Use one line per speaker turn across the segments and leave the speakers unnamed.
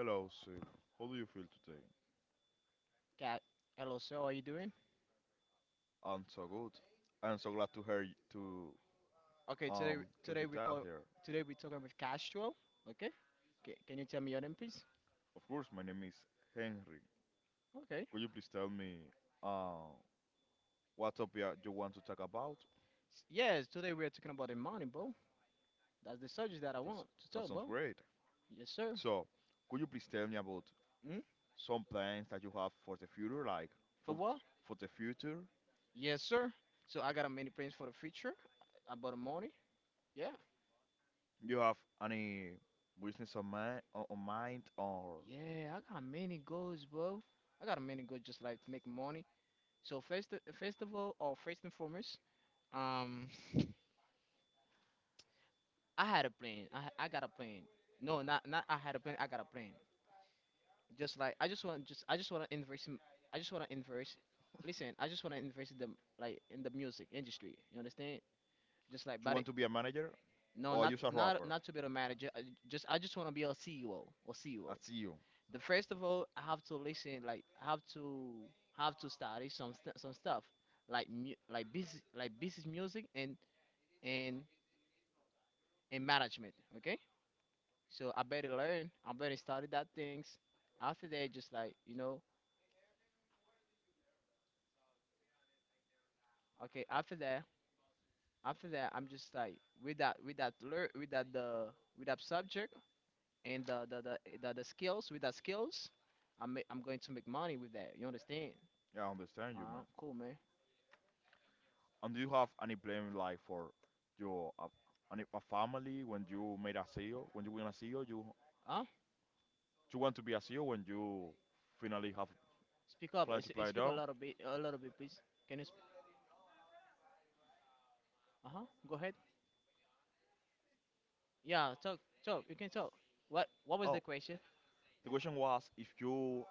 Hello, sir. How do you feel today?
Cat, hello, sir. How are you doing?
I'm so good. I'm so glad to
Okay,
get
today
you
we
dad
call
here.
today we're talking with Castro. Okay, Ca can you tell me your name, please?
Of course, my name is Henry.
Okay.
Could you please tell me uh what topic you want to talk about?
Yes, today we are talking about the money, bro. That's the subject that I
That's
want to
that
talk,
sounds
bro.
great.
Yes, sir.
So, could you please tell me about
Mm?
some plans that you have for the future, like
For
up
what?
for the future?
Yes, sir. So I got a many plans for the future about the money. Yeah.
You have any business on mind, or
Yeah, I got many goals, bro. I got many goals, just like make money. So first of all, or first and foremost, um. I had a plan. I got a plan. No, not I had a plan. I got a plan. Just like I just want to invest. I just want to invest. Listen, I just want to invest in the music industry. You understand? Just like
you
but it,
want to be a manager,
no,
or
not
just a
not
rapper?
not to be the manager. I just want to be a CEO or
I
CEO.
see you.
The first of all, I have to listen. Like I have to study some some stuff like business music and and management. Okay. So I better learn. I better study that things. After that, just like okay. After that, I'm just like with that learn, with that subject and the skills with that skills, I'm going to make money with that. You understand?
Yeah, I understand you, man.
Cool, man.
And do you have any plan like for your a family when you made a CEO? When you win a CEO, you
Huh?
you want to be a CEO when you finally have
Speak up.
plan to play
Speak a
down?
little bit, please. Can you? Uh huh. Go ahead. Yeah, talk, talk. You can talk. What was the
Oh,
question?
the question was if you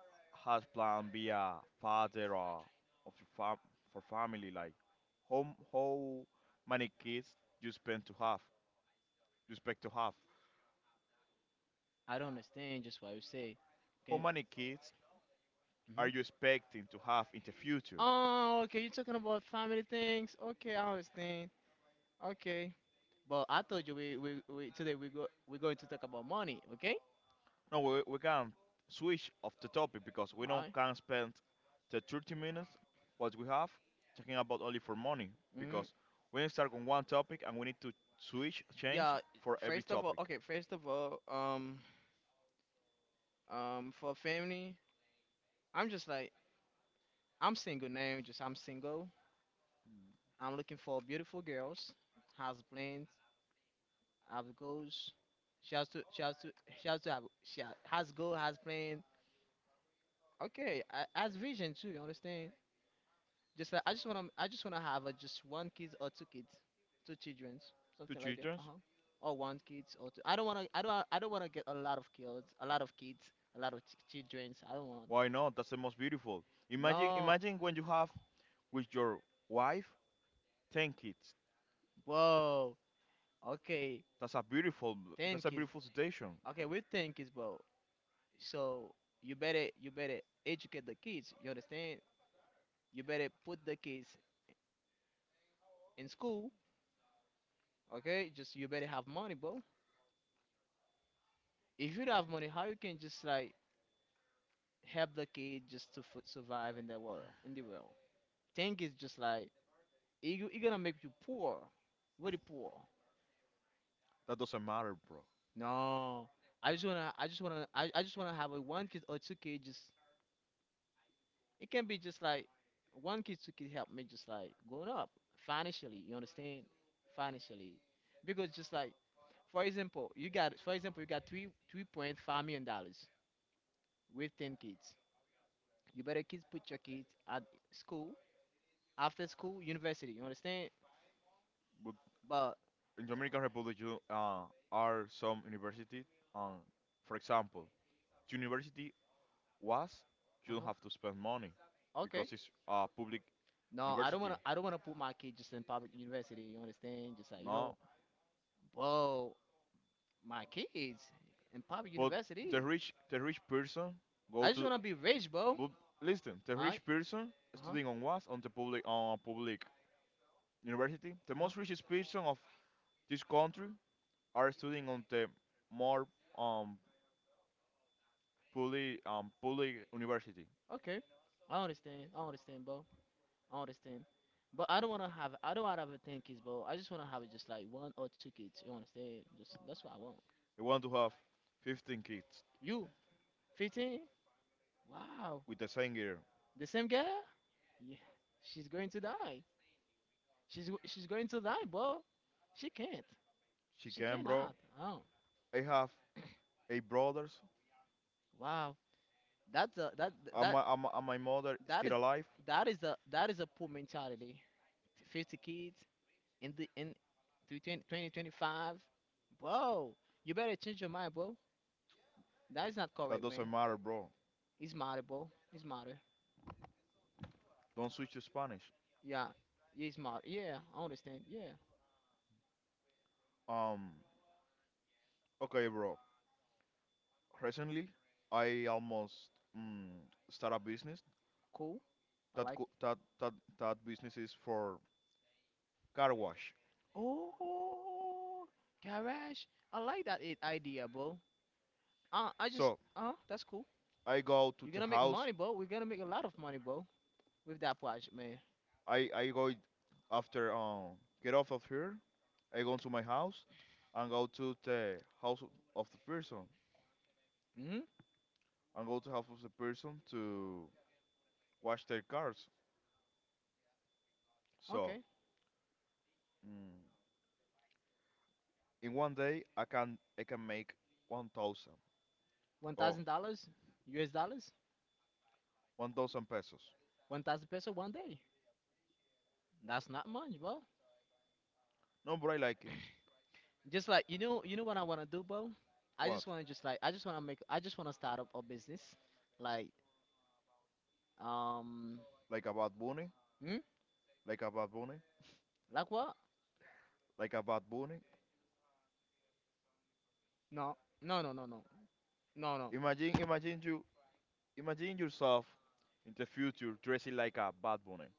had plan be a father or of your fam for family, like how how many kids you spend to have? You expect to have?
I don't understand just what you say.
How
Can.
many kids are
Mm-hmm.
you expecting to have in the future?
Oh, okay. You're talking about family things. Okay, I understand. Okay, but I told you we today we're going to talk about money. Okay.
No, we can switch off the topic because we don't
Hi.
can spend the 30 minutes what we have talking about only for money
Mm,
because we need to start on one topic and we need to switch change
yeah.
for every
First of all,
topic.
okay. First of all, for family, I'm just like I'm single now. Just I'm single. I'm looking for beautiful girls, has plans, has goals. She has to she has to she has to have she ha- has goal, has plan. Okay, has vision too. You understand? Just like I just wanna have just one kid or two kids, two children,
Two
something like that.
children?
Uh huh. Or one kids or two. I don't wanna get a lot of kids, a lot of kids, a lot of children. I don't want.
Why not? That's the most beautiful. Imagine
No,
imagine when you have with your wife 10 kids.
bro. Okay,
That's a beautiful
ten
that's a
kids.
beautiful situation.
Okay, with 10 kids, bro. So you better educate the kids. You understand? You better put the kids in school. Okay, just you better have money, bro. If you don't have money, how you can just like help the kid just to survive in the world. In the world, think is just like you gonna make you poor, really poor.
That doesn't matter, bro.
No, I just wanna I just wanna I just wanna have a one kid or two kids. Just it can be just like one kid two kid help me just like growing up financially. You understand financially because just like for example you got three three point five million dollars with 10 kids. You better kids put your kids at school after school university. You understand?
But
But
in Dominican Republic you are some university um, for example, university was you don't
uh-huh.
have to spend money
Okay.
because it's a public
No, I don't
university.
wanna I don't wanna put my kids just in public university, you understand? Just like,
No,
bro, my kids in public
but the
university.
rich the rich person go
I just
to
wanna be rich, bro.
but listen the
Alright?
rich person
Uh-huh.
studying on was on a public university. The
Uh-huh.
most richest person of this country are studying on the more um public university.
Okay. I understand. I understand, bro. I understand. But I don't wanna have 10 kids, bro. I just wanna have just like one or two kids, you understand? Just that's what I want.
I want to have 15 kids
You, 15? Wow.
with the same girl.
The same girl? Yeah. She's going to die. She's going to die, bro. She can't.
She
She
can, bro.
cannot. Oh,
I have eight brothers.
wow. That's a that
And
that
my, and my, and my mother is
that
still
is
alive.
that is a poor mentality. 50 kids in to 20 2025. Bro, you better change your mind, bro. That is not
That
correct, man.
doesn't matter, bro.
It's matter, bro. It's matter.
Don't switch to Spanish.
Yeah, Yeah, it's matter. Yeah, I understand. Yeah,
Um, okay, bro. Recently, I almost mm, start a business.
cool. I
That
like.
co- that that that business is for car wash.
Oh, garage. I like that idea, bro. I just
So
that's cool.
I go to
You're
the
gonna make
house.
money, bro. We're gonna make a lot of money, bro, with that project, man.
I I go it- after get off of here. I go to my house and go to the house of the person
hmm
and go to house of the person to wash their cars. So
Okay.
mm, in one day, I can make 1,000.
One
Or
thousand dollars, US dollars,
1,000 pesos.
1,000 peso one day. That's not much, bro.
No, but I like it.
Just like you know what I wanna do, bro. I
What?
just wanna just like I just wanna make I just wanna start up a business, like um,
Like a bad bunny?
hmm?
Like a bad bunny?
Like what?
Like a bad bunny?
No, no, no, no, no, no, no.
Imagine, imagine you, imagine yourself in the future dressing like a bad bunny.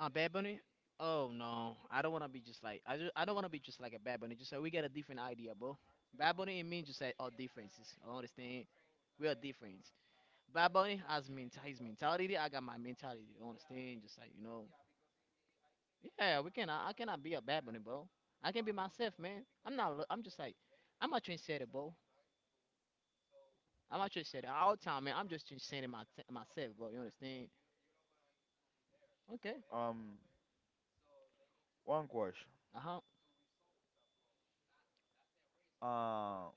A Bad Bunny? Oh no, I don't wanna be just like I just I don't wanna be just like a Bad Bunny. Just so we get a different idea, bro. Bad Bunny and me just like are differences. I understand. We are different. Bad Bunny has his mentality. I got my mentality. You understand? Just like yeah, we can. I cannot be a Bad Bunny, bro. I can be myself, man. I'm not. I'm just like, I'm a trendsetter, bro. I'm a trendsetter all time, man. I'm just trendsetting my myself, bro. You understand? Okay.
Um, one question.
Uh huh.
Uh,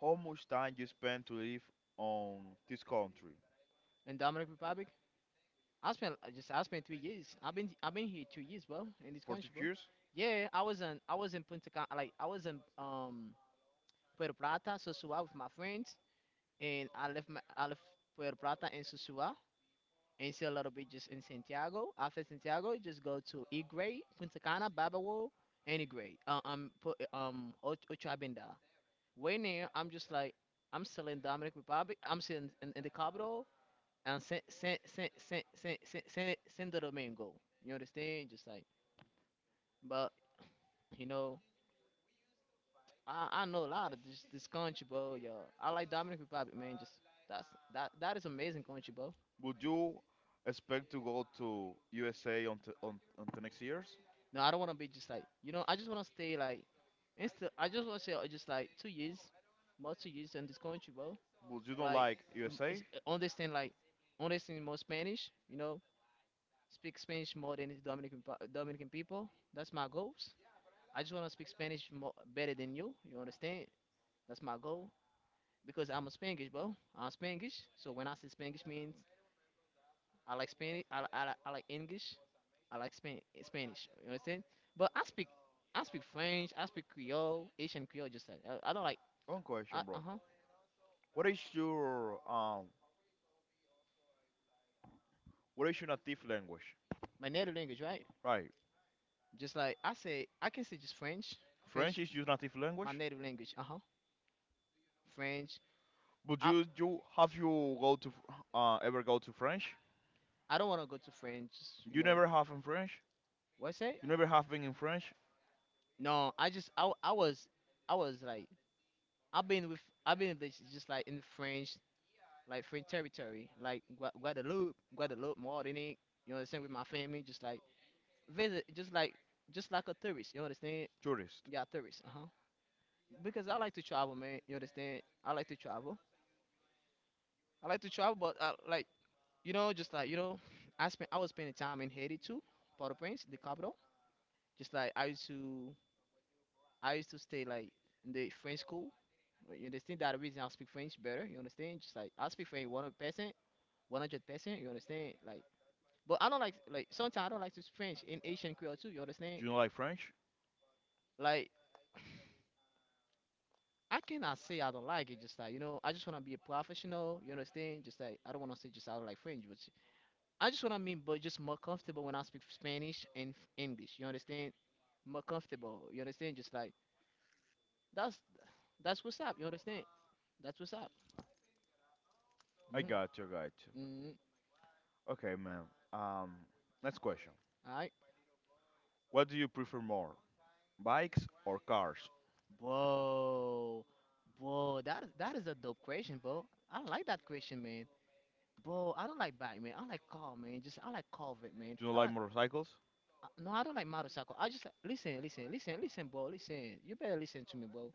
how much time you spend to live on this country?
In Dominican Republic, I spent 3 years. I've been here 2 years, bro, in this
For two
country, bro.
years?
Yeah, I was in Punta Cana, like I was in Puerto Plata, Sosua with my friends, and I left Puerto Plata and Sosua and you see a lot of beaches in Santiago. After Santiago, you just go to Igray, Punta Cana, Babawo, and Igray. Ocho Abinda. Way near, I'm just like, I'm still in Dominic Republic. I'm still in the capital and Santo Domingo. You understand? Just like, but you know, I know a lot of this country, bro. Yo, I like Dominic Republic, man. Just that's that is amazing country, bro.
Would you expect to go to USA on the next years?
No, I don't want to be just like. I just want to stay like insta. I just want to say just like 2 years, more 2 years in this country, bro.
Would you don't
Like
like USA?
understand like understand more Spanish. You know, speak Spanish more than the Dominican Dominican people. That's my goals. I just want to speak Spanish more better than you. You understand? That's my goal because I'm a Spanish, bro. I'm Spanish, so when I say Spanish means I like Spanish. I like English. I like Spanish. You understand? But I speak French. I speak Creole, Asian Creole. Just like I don't like,
One question,
uh
bro.
huh,
What is your um? What is your native language?
my native language, right?
Right.
Just like I say, I can say just French,
French
French,
is your native
my
language.
native language. Uh huh, French.
But
I
you have you go to ever go to French?
I don't want to go to French. You
You
know
never have in French.
what's that?
You never have been in French.
No, I was like I've been with I've been with just like in French like French territory like Guadeloupe, Martinique. You understand with my family, just like visit just like a tourist. You understand?
Tourist.
Yeah, tourist. Uh huh. Because I like to travel, man. You understand? I like to travel. I like to travel, but I, like just like I was spending time in Haiti too, Port-au-Prince, the capital. Just like I used to stay like in the French school. You understand that reason I speak French better. You understand? Just like I speak French 100%, 100%. You understand? Like, but I don't like sometimes I don't like to speak French in Asian Creole too. You understand?
Do you like French?
Like. I cannot say I don't like it. Just like I just wanna be a professional. You understand? Just like I don't wanna say just I don't like French. But I just wanna mean, but just more comfortable when I speak Spanish and English. You understand? More comfortable. You understand? Just like that's that's what's up. You understand? That's what's up.
I
Mhm.
got you, I got you.
Mhm.
Okay, man. Um, next question.
All right,
What do you prefer more, bikes or cars?
bro, bro. That is a dope question, bro. I like that question, man. Bro, I don't like Batman. I like Carl, man. Just I like Corvette, man.
Do you
I
like
like
motorcycles?
No, I don't like motorcycle. I just listen, listen, listen, listen, bro. Listen, you better listen to me, bro.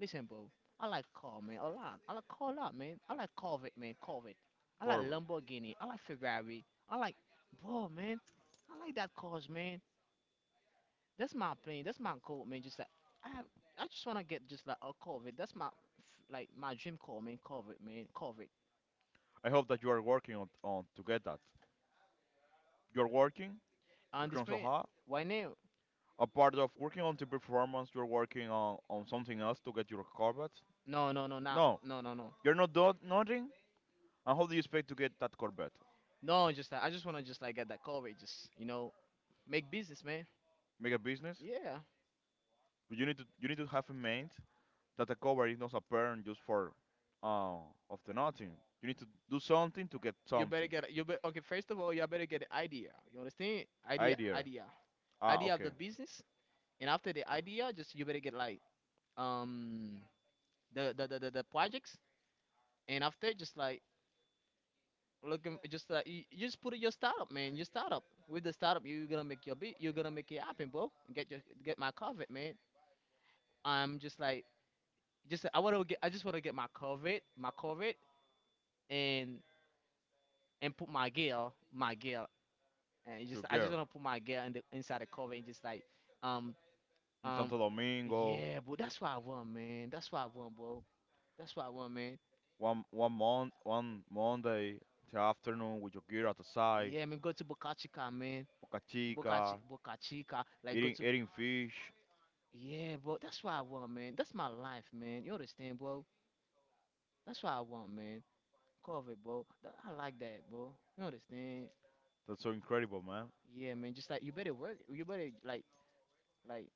Listen, bro. I like car, man, a lot. I like car a lot, man. I like Corvette, man, Corvette. I like
Corvette.
Lamborghini. I like Ferrari. I like, bro, man. I like that cars, man. That's my plane. That's my goal, man. Just like I, have, I just wanna get just like a Corvette. That's like my dream car, man. Corvette, man, Corvette.
I hope that you are working on to get that. You're working.
On
You're
this
also
plane,
hard.
why now?
A part of working on the performance, you're working on something else to get your Corvette.
No, no, no, not,
No,
no, no, no.
you're not doing nothing. And how do you expect to get that core bet?
No, just like I just wanna just like get that Corvette, just you know, make business, man.
Make a business?
Yeah.
But you need to have in mind that a cover is not a pattern just for uh of the nothing. You need to do something to get
You better
something.
get you bet Okay, first of all, you better get an idea. You understand? Idea
Idea.
idea.
Ah,
Idea of
okay.
the business. And after the idea, just you better get like um the projects, and after just like looking just like you just put in your startup, man. Your startup. With the startup you're gonna make it happen, bro. Get your get my covet, man. I'm just like just I wanna get I just wanna get my covet, my covet, and put my gear, my gear, and it's
Your
just I just
girl
wanna put my girl in the inside the cover and just like um
in
um
Santo Domingo,
yeah, but that's what I want, man. That's what I want, bro. That's what I want, man.
one month, one Monday the afternoon with your girl at the side,
Yeah, man, go to Boca Chica, man.
Boca Chica,
Boca Chica, like go
eating
to,
eating fish.
yeah, bro. That's what I want, man. That's my life, man. You understand, bro? That's what I want, man. Cover, bro. That, I like that, bro. You understand?
That's so incredible, man.
Yeah, man. Just like you better work. Like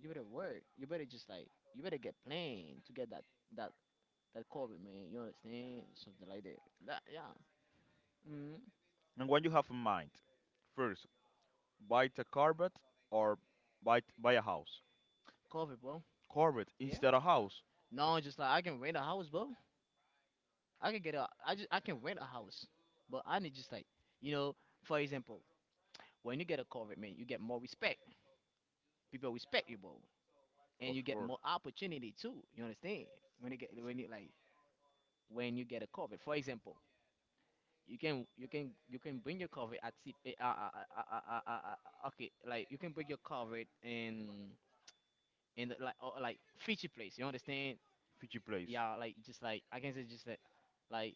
you better work. You better just like you better get plan to get that that COVID, man. You understand? Something like that. That, yeah. Mm.
And what you have in mind? First, buy the carpet or buy a house.
COVID, bro.
Corvette
Yeah.
instead of house.
No, just like I can rent a house, bro. I can get a. I just I can rent a house, but I need just like you know. For example, when you get a COVID, man, you get more respect. People respect you, bro, and you
Of
get
course.
more opportunity too. You understand? When you get when you like when you get a COVID. For example, you can bring your COVID at C, eh, okay, like you can bring your COVID in. And like like future place. You understand?
Fiji place.
Yeah, like just like I can say just like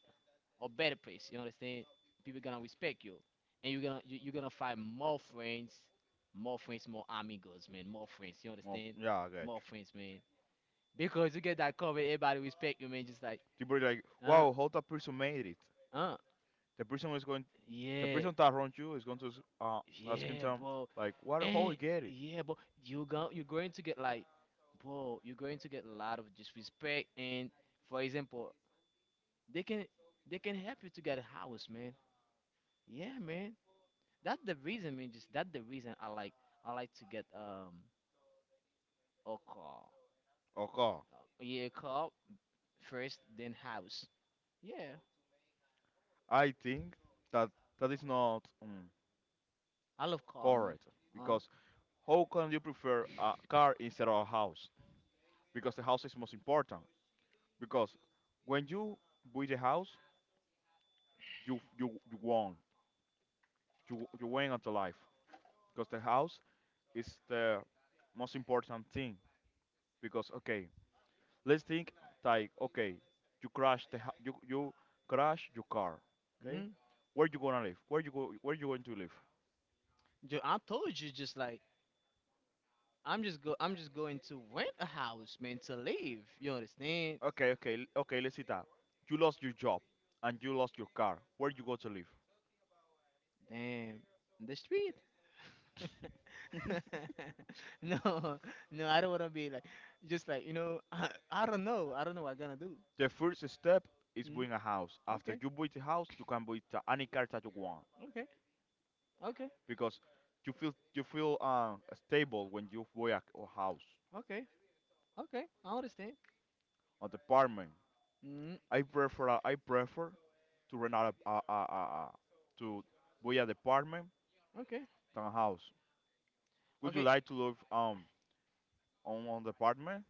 a better place. You understand? People gonna respect you, and you're gonna find more friends, more friends, more amigos, man, more friends. You
Well,
understand?
yeah, I got you.
More friends, man, because you get that covered. Everybody respect you, man. Just like
People like,
uh
wow, how that person made it.
uh
The person is going, the
yeah,
person that wronged you is going to uh, ask him
yeah,
some,
bro.
like, what, how
And
he get it?
yeah, but you're going to get like, bro, you're going to get a lot of disrespect and, for example, They can they can help you to get a house, man. Yeah, man. That's the reason, man. Just that's the reason I like to get a car.
Okay,
Yeah, car first, then house. Yeah,
I think that that is not
I love car, man.
correct
Uh,
because how can you prefer a car instead of a house? Because the house is most important. Because when you build a house, you won, you win at the life. Because the house it's the most important thing because okay, let's think like okay, you crash your car. Okay,
mm
where you gonna live? Where you go? Where you going to live?
Joe, I told you just like I'm just going to rent a house, man, to live. You understand?
Okay, okay, okay. Let's see that you lost your job and you lost your car. Where you go to live?
Damn, the street. No, no, I don't want to be like, just like you know, I don't know what I'm gonna do.
The first step is
Mm,
buying a house. After
okay,
you buy the house, you can buy any car that you want
okay, okay,
because you feel stable when you buy a house,
okay, okay. I understand.
an apartment.
Mm,
I prefer to rent out a to buy a department
okay,
townhouse. Would you
okay.
like to live on department,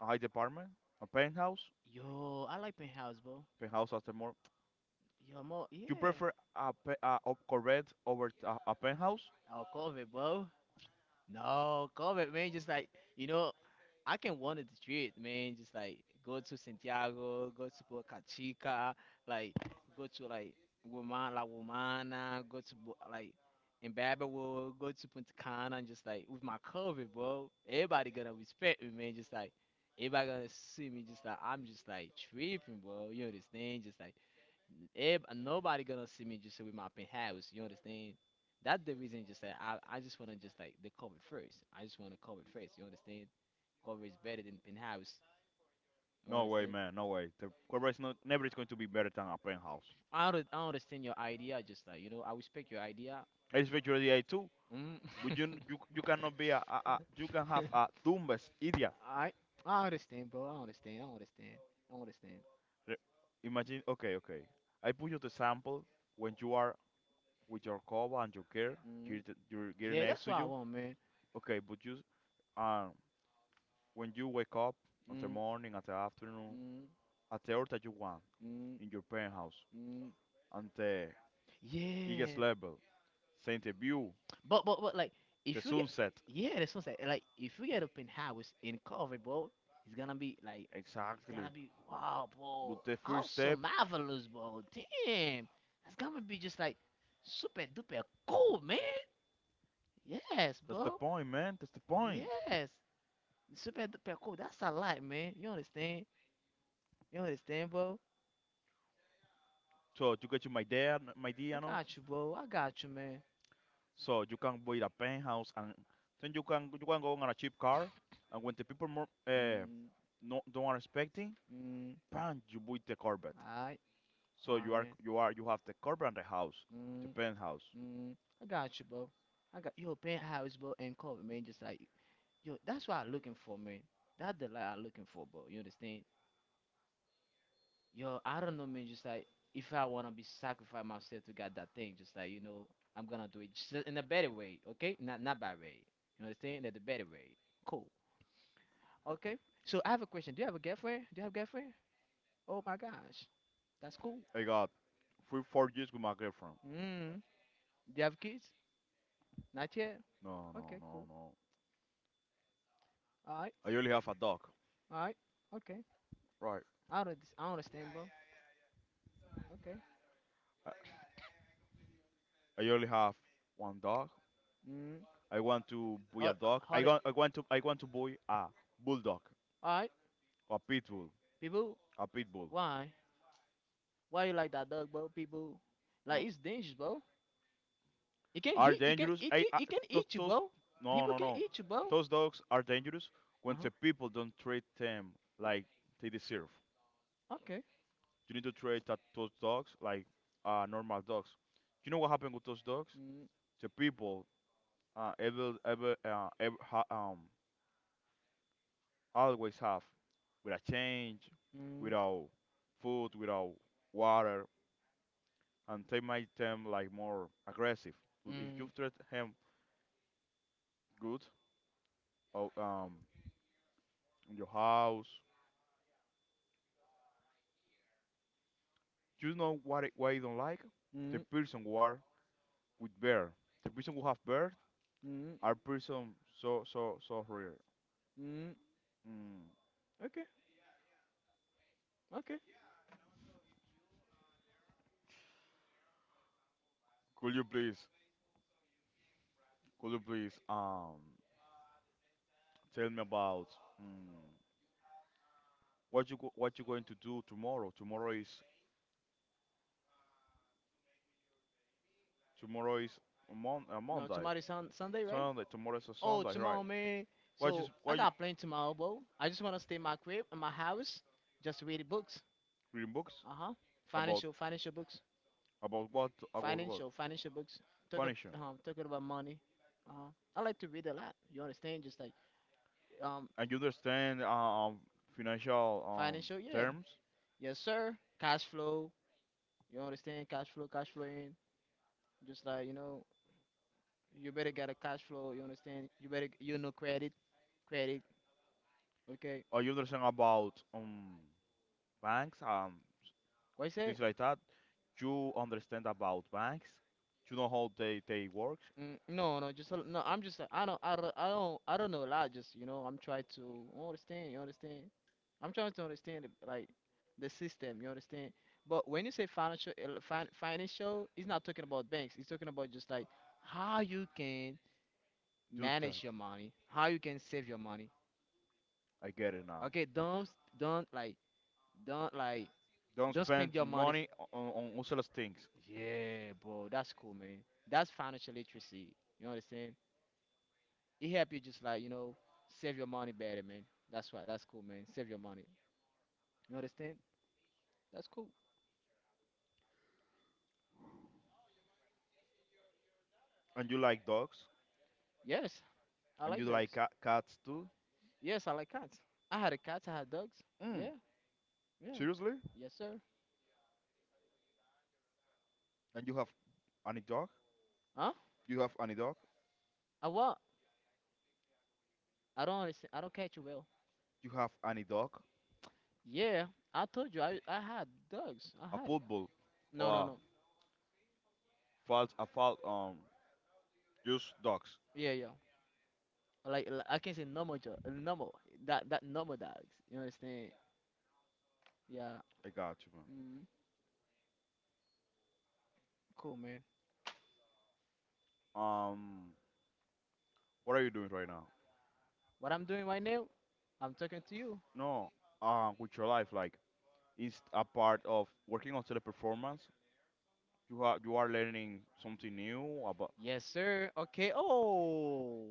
a high department, a penthouse?
Yo, I like penthouse, bro.
Penthouse after more.
Yo, more,
You
yeah.
prefer a corvette over a penthouse?
Oh, COVID, bro. No, COVID, man. Just like you know, I can wander the street, man. Just like go to Santiago, go to Boca Chica, like go to like Woman La Womana, like in Babawood, go to Punta Cana, and just like with my cover, bro. Everybody gonna respect me, man. Just like everybody gonna see me, just like I'm just like tripping, bro. You understand? Just like nobody gonna see me just with my penthouse. You understand? That's the reason. Just that I just wanna just like they cover it first. I just wanna cover it first. You understand? Cover is better than penthouse. You
No way,
understand?
man. No way. The Corvette is not never is going to be better than a penthouse.
I don't, I understand your idea. Just like you know, I respect your idea.
It's virtually the A2.
Mm.
But you cannot be a, you can have a dumbest idiot.
I, I understand, bro. I understand. I understand. I understand.
Re- Imagine. Okay, okay. I put you the sample when you are with your cover and your gear, your,
Mm.
your gear
Yeah,
next
that's what
to
I
you.
want, man.
Okay, but you um when you wake up on the
Mm,
morning, at the afternoon,
mm,
at the hour that you want
mm,
in your penthouse,
mm.
and the highest
Yeah.
level, seeing the view,
But like
the
if you get,
sunset,
yeah, that's what I'm saying. Like if you get up in house in COVID, bro, it's gonna be like it's
exactly.
gonna be wow,
But
bro,
the first
awesome,
step,
marvelous, bro. Damn, it's gonna be just like super duper cool, man. Yes,
that's the
bro.
point, man. That's the point.
Yes, super duper cool. That's a lot, man. You understand? You understand, bro?
So you get you my idea, my
I
idea, no?
got you, bro. I got you, man.
So you can buy a penthouse, and then you can go on a cheap car, and when the people more
Mm,
no, don't are expecting,
mm.
bam, you buy the Corvette.
All right,
So
all right, man.
you have the carpet and the house, the
Mm.
penthouse.
Mm, I got you, bro. I got your penthouse, bro, and cover, man. Just like yo, that's what I'm looking for, man. That's the life I'm looking for, bro. You understand? Yo, I don't know, man. Just like if I wanna be sacrifice myself to get that thing, just like you know, I'm gonna do it just in a better way, okay? Not not bad way. You understand? In the better way. Cool. Okay. So I have a question. Do you have a girlfriend? Do you have a girlfriend? Oh my gosh, that's cool.
I got 3 or 4 years with my girlfriend.
Mm. Do you have kids? Not yet.
No,
Okay,
no, no,
cool.
no.
All right,
I only have a dog.
all right. Okay.
Right.
I don't, I understand, bro. Okay.
I, I only have one dog.
Mm.
I want to buy
Uh,
a dog.
how
I
the,
want I want to I want to buy a bulldog,
all right,
a pit bull,
people,
a pit bull.
why? Why you like that dog, bro? People, like
No.
it's dangerous, bro. It can
Are
hit, it can,
dangerous?
it
I,
can,
I
It can
those
eat you,
those
bro.
no,
People
no,
can
no.
eat you, bro.
Those dogs are dangerous
Uh
when
huh.
the people don't treat them like they deserve.
Okay.
You need to treat those dogs like normal dogs. You know what happened with those dogs?
Mm,
The people uh, ever, ever, uh, ever ha- um, always have without change,
mm,
without food, without water, and they make them like more aggressive. But if you
mm,
treat him good, or, in your house, you know what why you don't like? The
mm,
person who are with bear, the person who have bear,
mm,
are person so, so, so rare.
mm.
Mm.
Okay. Okay.
Could you please, could you please, tell me about mm what you going to do tomorrow? Tomorrow is a
No,
Monday,
tomorrow is Sunday, right?
Sunday. Tomorrow is a
Oh,
Sunday, right?
tomorrow, man.
What is
So I
Why you
got plenty tomorrow, bro. I just wanna stay in my crib, in my house, just read books.
reading books
Uh huh.
about
Financial books.
about what
Financial books. talk ab-
financial?
Talking about money. uh, I like to read a lot, you understand, just like um
And you understand financial
financial, yeah.
terms?
Yes, sir. Cash flow. You understand? Cash flow cash flow in just like you know, you better get a cash flow. You understand? You better you know credit. Credit. Okay.
Or you understand about banks
What you say?
things like that? You understand about banks? You know how they work?
Mm, no, I'm just like I don't know a lot, just you know, I'm trying to, you understand, you understand, I'm trying to understand it, like the system. You understand? But when you say financial, financial, it's not talking about banks. It's talking about just like how you can
Do that.
manage your money, how you can save your money.
I get it now.
Okay, don't like don't like
Don't
don't
spend
spend your money.
money on useless things.
Yeah, bro, that's cool, man. That's financial literacy. You understand? It help you just like you know save your money better, man. That's why. That's cool, man. Save your money. You understand? That's cool.
And you like dogs?
Yes, I
And you
like that.
like cats too?
Yes, I like cats. I had a cat. I had dogs.
Mm,
Yeah, yeah.
seriously?
Yes, sir.
And you have any dog?
Huh?
You have any dog?
I what? I don't understand. I don't catch you well.
You have any dog?
Yeah, I told you. I had dogs. I
A
had it.
pit bull or
No, no,
a
no.
false a false just dogs.
Yeah, yeah. Like I can say normal, normal. That normal dogs. You understand? Yeah.
I got you, man.
Mm, cool, man.
Um, what are you doing right now?
What I'm doing right now? I'm talking to you.
No, with your life, like it's a part of working on teleperformance. You are learning something new about
Yes, sir. Okay. Oh.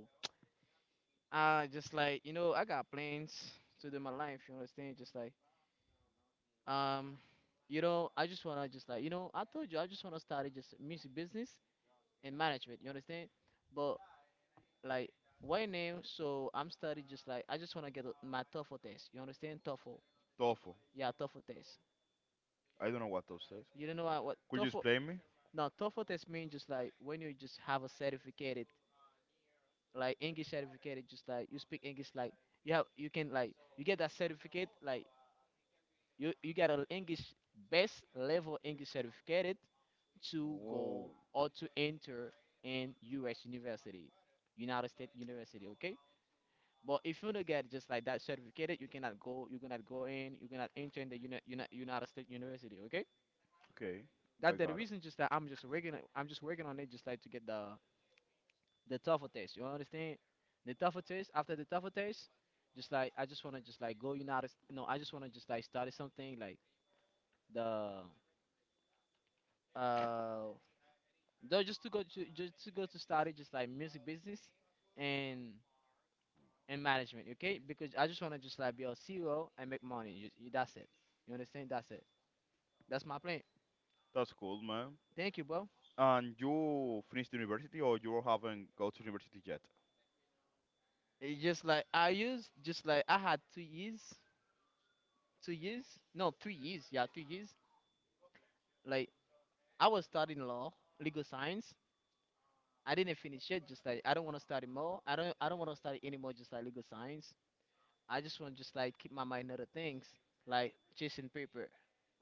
Just like you know, I got plans to do my life. You understand? Just like Um, you know, I just wanna just like you know, I told you I just wanna start just music business and management. You understand? But like right now, so I'm studying just like I just wanna get a- my TOEFL test. You understand? TOEFL.
TOEFL.
Yeah, TOEFL test.
I don't know what TOEFL says.
You don't know what
Could you
TOEFL?
explain me?
No, TOEFL test means just like when you just have a certificate, like English certificate, just like you speak English, like you have you can like you get that certificate, like you get an English best level English certificate to
Whoa.
go or to enter in U.S. university, United States University. Okay, but if you don't get just like that certificate, you cannot go. You cannot go in. You cannot enter in the United States University. Okay,
Okay, I
that the
got it.
reason just that I'm just working on- I'm just working on it, just like to get the tougher test. You understand? The tougher test. After the tougher test, just like I just wanna just like go United. No, I just wanna just like study something like the uh no just to go to study just like music business and and management. Okay, because I just want to just like be a CEO and make money. That's it. You understand? That's it. That's my plan.
That's cool, man.
Thank you, bro.
And you finished university or you haven't go to university yet?
It's just like I used, just like I had 2 years, 2 years. No, 3 years. Yeah, 3 years. Like, I was studying law, legal science. I didn't finish it. Just like I don't want to study more. I don't want to study anymore, just like legal science. I just want to just like keep my mind other things, like chasing paper.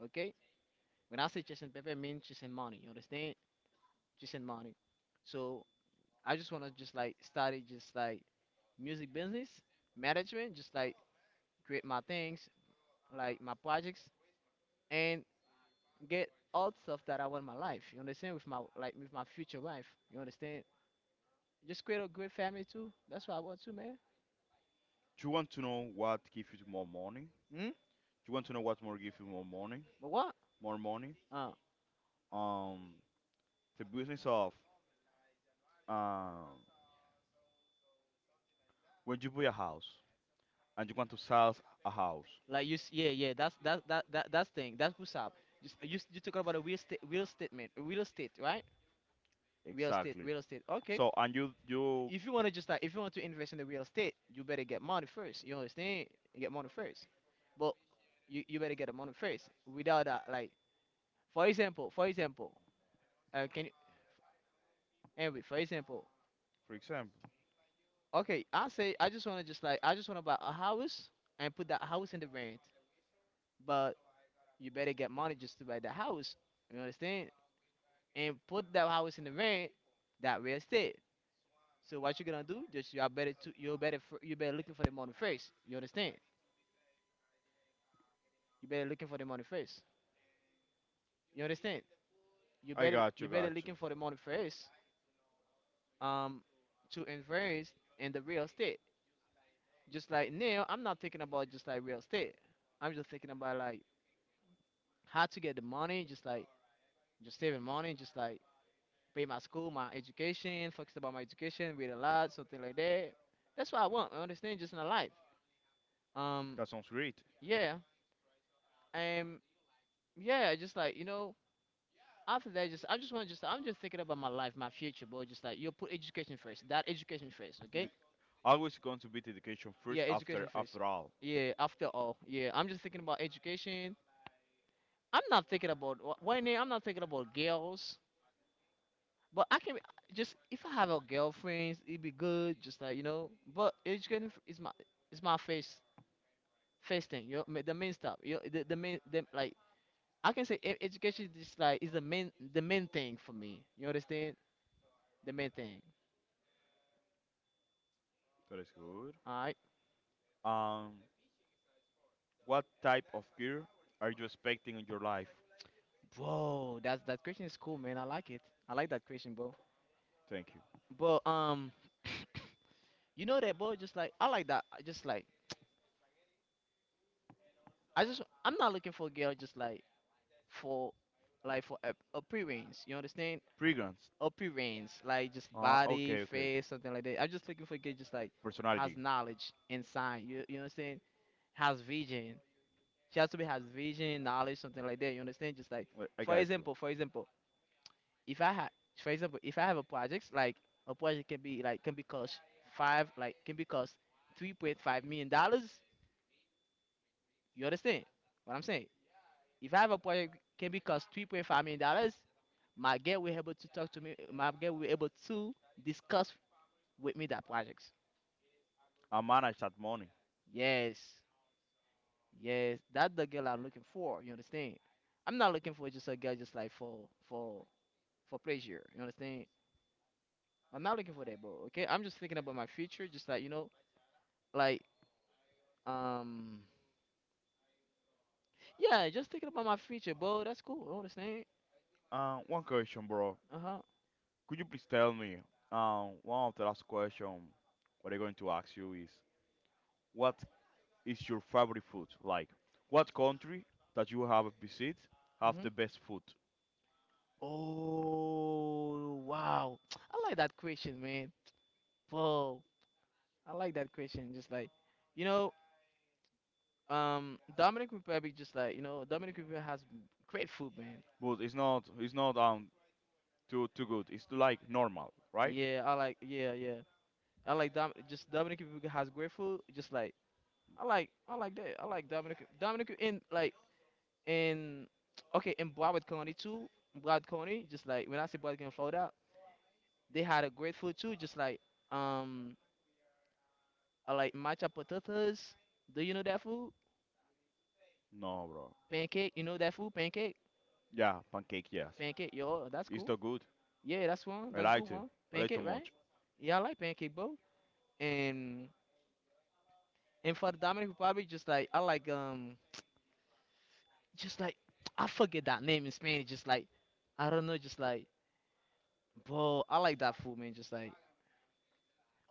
Okay? When I say chasing paper, I mean chasing money. You understand? Chasing money. So I just want to just like study just like music business management, just like create my things, like my projects, and get all stuff that I want in my life. You understand? With my like with my future wife. You understand? Just create a great family too. That's what I want too, man.
You want to know what gives you more money?
Hmm?
You want to know what more gives you more money?
But what?
More money?
Uh,
Um, the business of um when you buy a house and you want to sell a house.
Like you, yeah, yeah. That's thing. That's what's up. You talk about a real estate, real statement, real estate, right? Real estate,
Exactly.
real estate. Okay.
So and you
If you want to just like, if you want to invest in the real estate, you better get money first. You understand? You get money first. But you better get the money first. Without that, like, for example, can you, Henry? For example,
for example,
okay. I say I just want to buy a house and put that house in the rent, but you better get money just to buy the house. You understand? And put that house in the rent, that real estate. So what you gonna do? Just you are better to you better you better looking for the money first. You understand? You better looking for the money first. You understand?
I got you,
You better
got you.
looking for the money first. Um, to invest in the real estate. Just like now, I'm not thinking about just like real estate. I'm just thinking about like how to get the money. Just like just saving money. Just like pay my school, my education. Focus about my education. Read a lot, something like that. That's what I want. I understand. Just in a life. Um,
That sounds great.
Yeah, um, yeah, just like you know, after that, just I just want to just I'm just thinking about my life, my future, but just like you put education first, that education first,
You
okay?
always going to be the education first
Yeah,
after
education first.
after all.
Yeah, after all, yeah, I'm just thinking about education. I'm not thinking about wh- when I'm not thinking about girls, but I can just if I have a girlfriend, it'd be good, just like you know. But education is my first thing, you know, the main stuff, you know, the main like, I can say education is just like is the main thing for me. You understand? The main thing.
That is good.
All right,
Um, What type of gear are you expecting in your life?
bro. That question is cool, man. I like it. I like that question, bro.
Thank you.
But you know that, bro. Just like I like that. I just like I just I'm not looking for a girl just for like for appearance. You understand?
Fragrance.
Appearance, like just
Uh,
body,
okay, okay.
face, something like that. I'm just looking for a girl just like has
Personality.
knowledge inside. You understand? Has vision. She has to be has vision, knowledge, something like that. You understand? Just like
Wait, I got you.
for example, if I had for example, if I have a project, like a project can be cost five, like can be cost $3.5 million. You understand what I'm saying? If I have a project can be cost $3.5 million, my girl will able to discuss with me that project.
I manage that money.
Yes. Yes. That's the girl I'm looking for, you understand? I'm not looking for just a girl just like for pleasure. You understand? I'm not looking for that, bro. Okay, I'm just thinking about my future. Just like you know, like um, yeah, just thinking about my future, bro. That's cool. You understand?
One question, bro.
Uh huh.
Could you please tell me? One of the last question what I'm going to ask you is, what is your favorite food? Like, what country that you have visit have the
Mhm.
best food?
Oh wow, I like that question, man. Bro, I like that question. Just like you know, Dominic Republic. Just like you know, Dominic Republic has great food, man.
But it's not, it's not too good. It's like normal, right?
Yeah, I like. Yeah, yeah. I like Dom. Just Dominic Republic has great food. Just like. I like that. I like Dominic and like. And, okay, in Broward County too, Broward County, just like when I say Broward County, Florida, they had a great food too, just um like matcha potatoes. Do you know that food?
No, bro.
Pancake, you know that food? Pancake?
Yeah, pancake. Yes,
Pancake, yo, that's
it's
cool.
too good.
Yeah, that's one.
I
That's a
like
good
to.
one.
I like too
Pancake, right?
much.
Yeah, I like pancake, bro. And and for the Dominican Republic, just like I like just like I forget that name in Spanish, just like I don't know, just like bro, I like that food, man. Just like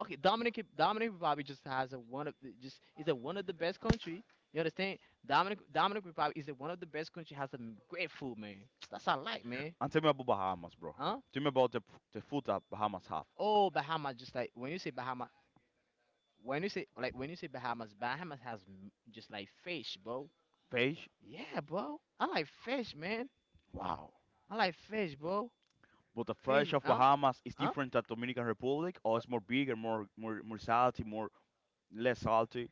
okay, Dominican Republic just is a one of the best country. You understand? Dominican Republic is a one of the best country. Has some great food, man. That's all I like, man.
And tell me about Bahamas, bro.
Huh?
Tell me about the food that Bahamas have.
Oh, Bahamas, just like when you say Bahamas, when you say Bahamas, Bahamas has just like fish, bro.
Fish?
Yeah, bro. I like fish, man.
Wow.
I like fish, bro.
But the fish
Fish,
of
huh?
Bahamas is
Huh?
different than Dominican Republic, or
What?
it's more bigger, more salty, more less salty.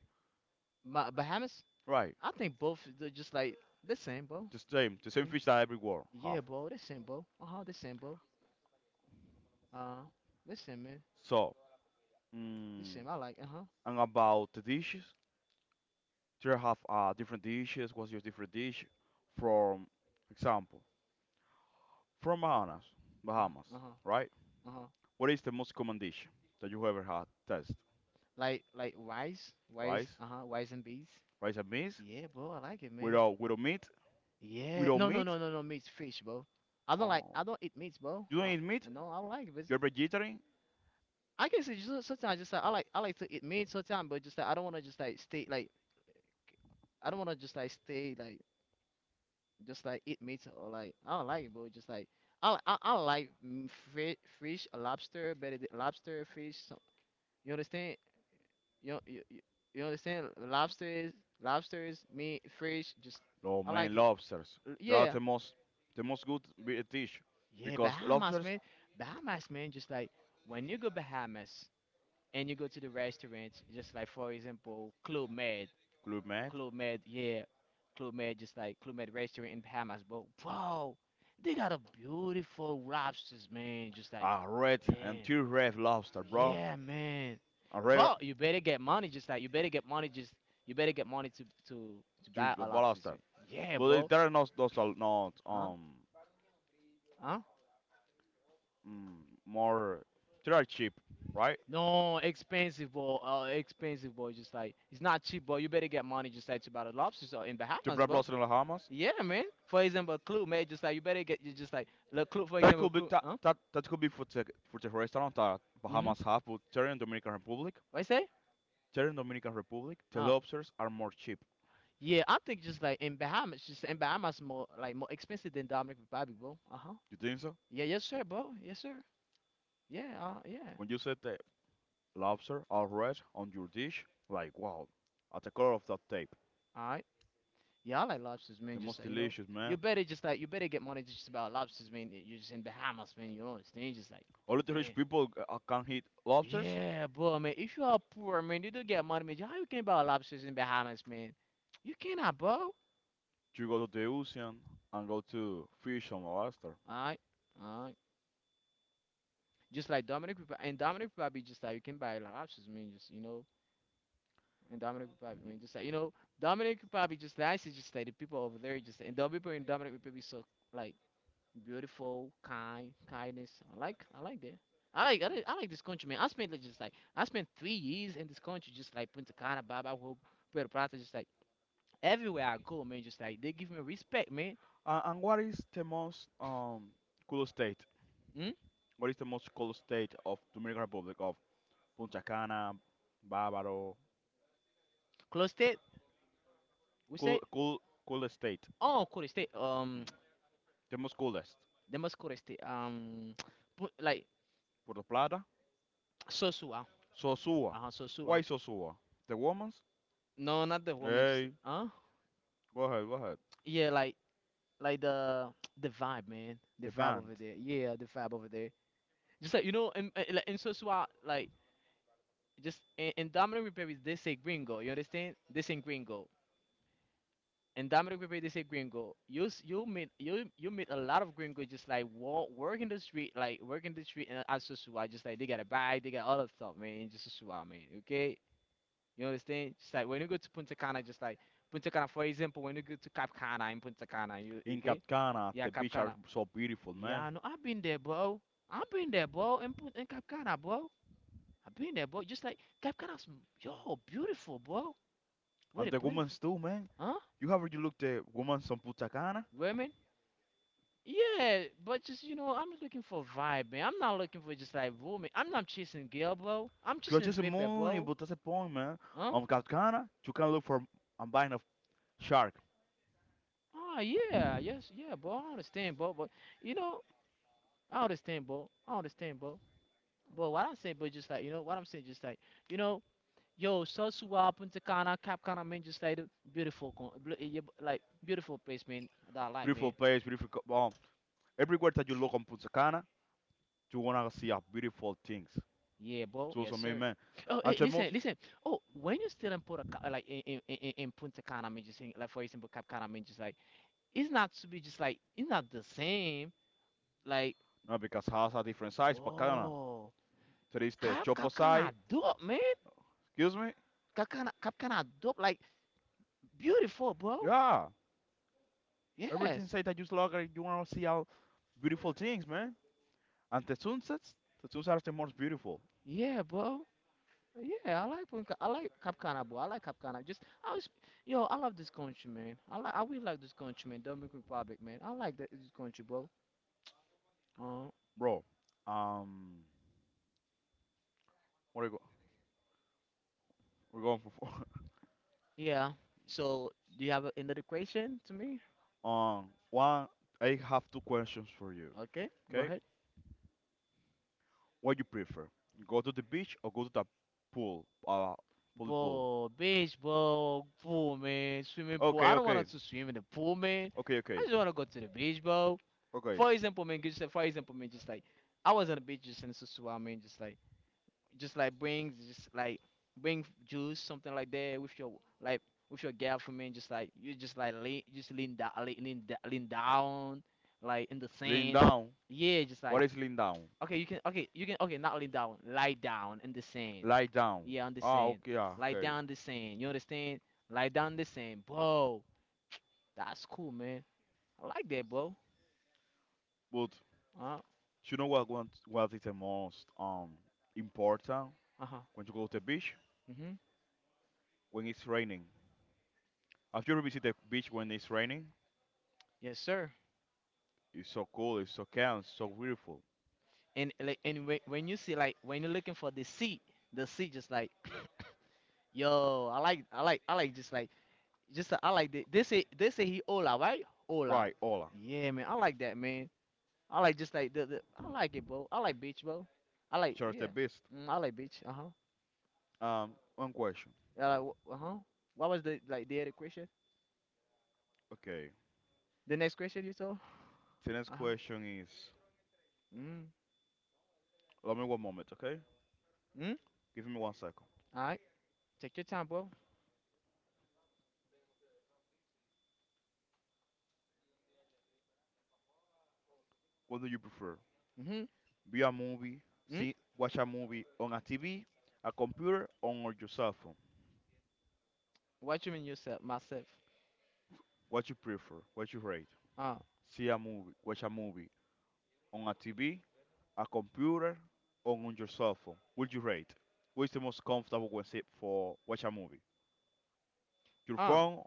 Bahamas?
Right.
I think both they're just like the same, bro.
The same. The same
Mm.
fish that everywhere have.
Yeah, bro, the same, bro. Uh huh, the same, bro. Uh, listen, man.
So, mm,
Listen, I like. Uh huh.
and about the dishes, there have different dishes. What's your different dish from, example, from Bahamas,
Uh
Bahamas,
huh. Uh huh.
right?
Uh-huh.
What is the most common dish that you ever had? Test
Like rice, rice.
rice.
Uh huh. Rice and beans.
Rice and beans
Yeah, bro. I like it, man.
without meat.
Yeah.
Without
No, no,
meat.
no, no, no. Meat, fish, bro. I don't like.
Oh,
I don't eat meats, bro.
you don't
I,
eat meat.
I know. I don't like it, but
You're vegetarian.
I can say just, sometimes just like I like. I like to eat meat sometimes, but just like I don't want to just like stay like. I don't want to just like stay like just like eat meat or like I don't like it, bro. Just like I like fish, lobster, better than lobster, fish. You understand? You you, you you understand? Lobsters, lobsters, meat, fish. Just
No
I
man,
like it.
lobsters. They are
Yeah,
the most good dish
yeah.
because
Bahamas,
lobsters
man. Bahamas, man. Just like when you go Bahamas and you go to the restaurants, just like for example, Club Med,
good man.
Club Med, yeah, Club Med, just like Club Med restaurant in Bahamas, bro. Bro, they got a beautiful lobsters, man. Just like,
Ah, red and
damn.
two red lobster, bro.
Yeah, man.
A red
But you better get money just like you better get money just you better get money to
two
buy a lobster
lobster.
suit. Yeah,
But
bro.
there are not those are not
Huh?
um
Huh?
mm, more. They are cheap, right?
No, expensive, bro. Expensive, bro. Just like it's not cheap, bro. You better get money just like to buy the lobsters or in
Two
Bahamas,
red
bro.
lobster in the Bahamas.
Yeah, man. For example, clue, man. Just like you better get you just like the clue. For
That
example,
could be
clue.
that,
Huh?
that could be for the restaurant that
Mhm.
Bahamas have, but they're in Dominican Republic.
What you say?
Here in Dominican Republic, the
Uh,
lobsters are more cheap.
yeah. I think just like in Bahamas, more like more expensive than Dominican Republic, bro. Uh huh.
You think so?
Yeah, yes, sir, bro. Yes, sir. Yeah, yeah.
When you set the lobster all red on your dish, like wow, at the color of that tape,
All right. Yeah, I like lobsters, man.
the
Just
most
like, you know,
delicious man.
you better just like you better get money just about lobsters, man. You're just in Bahamas, man. You don't understand? Just like,
Only the rich
damn.
people can eat lobsters.
Yeah, bro, man. If you are poor, man, you don't get money, man. How you can buy lobsters in Bahamas, man? You cannot, bro. All
You go to the ocean and go to fish and lobster.
right, all right. Just like Dominic Republic, and Dominic Republic, just like you can buy lobsters, man. Just you know, and Dominic Republic, man. Just like you know, Dominic Republic, just like I see, just like the people over there, just and the people in Dominic Republic, so like beautiful, kind, kindness. I like that. I like, I like, I like this country, man. I spent like, just like, I spent 3 years in this country, just like Punta Cana, Baba Hope, Puerto Plata, just like everywhere I go, man. Just like they give me respect, man.
And what is the most cool state?
Mm?
What is the most cool state of Dominican Republic of Punta Cana, Bávaro?
Close state, we
Cool,
say,
cool, cool state.
oh, Coro state,
Hmm. The most coolest.
they must Coro state, put like
Puerto Plata,
Sosua,
Sosua.
uh huh,
Why
Sosua.
Sosua? The woman's?
No, not the woman, just
Hey,
huh?
go ahead, go ahead.
Yeah, like the the vibe, man, the
The
vibe
band.
over there. Yeah, the vibe over there just like you know in, like in Sosua, like just in Dominican Republic they say gringo. You understand? They say gringo. In Dominican Republic they say gringo. You s- you meet you you meet a lot of gringo just like walk working the street like working the street and as usual just like they got a bag they got all that stuff man just as usual man okay you understand? Just like when you go to Punta Cana, just like Punta Cana, for example, when you go to Cap Cana in Punta Cana, you
In
okay.
Katkana,
Yeah,
the
Cap
beach are
Cana.
so beautiful, man.
Yeah, no, I've been there, bro. I've been there, bro, in Cap Cana, bro. I've been there, bro, just like Cap Cana's, yo, beautiful, bro. What
And
a
the
beautiful.
woman's too, man.
Huh?
You have already looked the woman's on Punta Cana?
Women? Yeah, but just I'm looking for vibe, man. I'm not looking for just like woman. I'm not chasing girl, bro. I'm
You are
chasing
just a
paper,
money,
bro.
but that's the point, man.
Huh?
On Katkana, you can look for a band of shark.
Ah, yeah, yes, yeah, bro. I understand, bro. But you know, I understand, bro. But what I'm saying, but just like what I'm saying, just like you know, yo, Sosua, Punta Cana, Cap Cana, man, just like the beautiful, con- bl- eh, yeah, like beautiful place, man. That I like,
Beautiful
man.
place, beautiful. Everywhere that you look on Punta Cana, you wanna see a beautiful things.
Yeah, bro.
So, so,
Yes,
man,
sir.
man.
Oh,
And
hey,
the
listen,
most,
listen. Oh, when you still in like in Punta Cana, I mean, just in, like for example, Cap Cana, I mean, just like it's not the same. Like,
no, because house a different size, Pacana.
bro,
There is the
Cap
Chopo side.
Cana dope, man.
Excuse me?
Cap Cana dope, like beautiful, bro.
Yeah, everything
Yes,
says that you just look and you want to see all beautiful things, man. And the sunsets are the most beautiful,
yeah, bro. Yeah, I like Cap Cana, bro. I like Cap Cana. Just I was, yo, I love this country, man. I really like this country, man. Dominican Republic, man. I like that this country, bro. Uh.
bro. Um, what are we go? We're going for four.
Yeah. So do you have another question to me?
Um, One. I have two questions for you.
Okay, go
Okay,
ahead.
what you prefer? Go to the beach or go to the pool? Pool.
Bro, beach, bro, pool, man, swimming pool.
Okay,
I don't
okay,
want to swim in the pool, man. I
okay,
just want to go to the beach, bro.
okay.
For example, man, just for example, man, just like I was on the beach just in Susua, man, just like bring juice something like that with your like with your girl, for me. Just like you just like lean, just lean down, lean down like in the
Lean
sand.
down.
Yeah,
Yeah,
just like
what is lean down? Okay, you can
okay you can okay, not lean down, lie down in the sand.
lie down.
Yeah, on the
Ah,
sand.
okay, ah,
Lie
okay.
down in the sand, you
Understand?
understand. Lie down in the sand, bro. That's cool, man. I like that, bro.
But
uh
you know what is the most important
uh-huh.
when you go to the beach?
Mhm.
When it's raining. Have you ever visited the beach when it's raining?
Yes, sir.
It's so cool, it's so calm, it's so beautiful.
And like, and when you see, like when you're looking for the seat, just like, yo, I like, just like, just I like they say, they say he hola, right? Hola,
Right, Ola.
yeah, man, I like that, man. I like just like the, I like it, bro, I like beach, bro. I
Which
like,
are the
yeah.
best?
Mm, I like beach. Uh huh
One question.
uh huh what was the, like, the other question,
Okay.
the next question you told?
The next
Uh huh
question is
mm.
allow me one moment, okay?
Mm.
Give me one second.
All right, take your time, bro.
What do you prefer?
Mm.
View a movie,
Hmm. Mm.
see, watch a movie on a TV, a computer, on your cell phone.
What you mean, yourself, myself?
What you prefer? What you rate?
uh
See a movie, watch a movie on a TV, a computer, or on your cell phone. Would you rate? Which is the most comfortable when sit for watch a movie? Your
uh
phone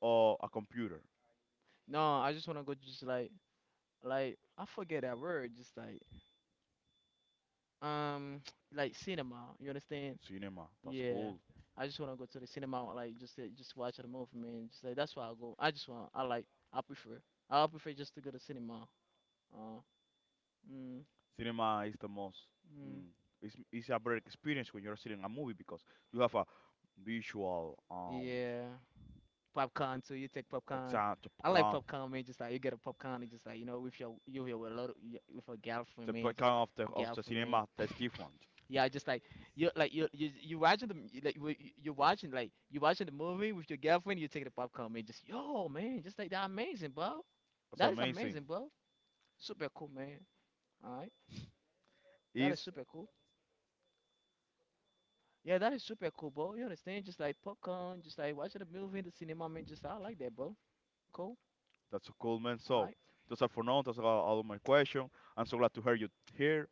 or a computer?
no, I just wanna go just like I forget that word, just like Um, like cinema, you understand?
Cinema. That's
Yeah.
cool.
I just wanna go to the cinema, like just watch a movie, man. Just like that's why I go. I just want. I like. I prefer. I prefer just to go to cinema. Uh, mm,
Cinema is the most.
mm,
Mm, it's a better experience when you're seeing a movie because you have a visual.
yeah. Popcorn too. You take
Exacto,
popcorn.
I
I
like
like
popcorn.
popcorn, man. Just like you get a popcorn and just like with your you with your little with a girlfriend,
The
man. Just
popcorn of the
girlfriend, man.
cinema, that's different.
Yeah, just like
It's
you watching the, like you're watching, like you watching the movie with your girlfriend, you take the popcorn, man. Just yo, man, just like that amazing, bro. That is
amazing.
amazing, bro. Super cool, man. All right, that
That's
is
Is
super cool. Yeah, that is super cool, bro. You understand? Just like popcorn, just like watching a movie in the cinema, man. Just I like that, bro. Cool.
that's a cool man.
All
So
right.
those are for now. Those are all of my questions. I'm so glad to hear you here.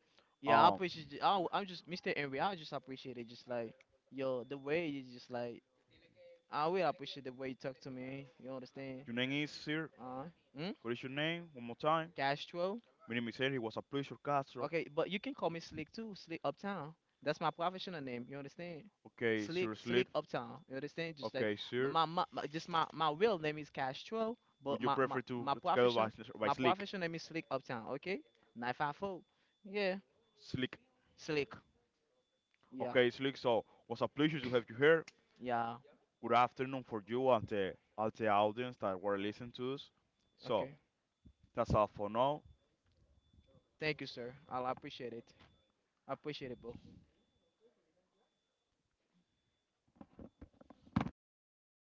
Yeah,
Yeah, I
Um,
appreciate you. I'm just Mr. Henry. I just appreciate it. Just like yo, the way you just like I will appreciate the way you talk to me. You understand?
your name like is sir. Hmm?
All right. Mm.
What is your name? One more time.
Castro.
My name is Henry. It was a pleasure, Castro.
Okay, but you can call me Slick too. Slick Uptown. That's my professional name. You understand?
Okay, sir sleep.
Slick Uptown. You understand? Just like
Okay,
m-
sir.
my just my, my real name is Castro, but
Would you prefer to go by, by
my
Slick?
professional name is Slick Uptown. Okay, 954. Yeah,
Slick.
Slick. Yeah,
Okay, Slick. So, was a pleasure to have you here.
yeah.
Good afternoon for you and the audience that were listening to us. So,
Okay.
that's all for now.
Thank you, sir. I appreciate it. I appreciate it, bro.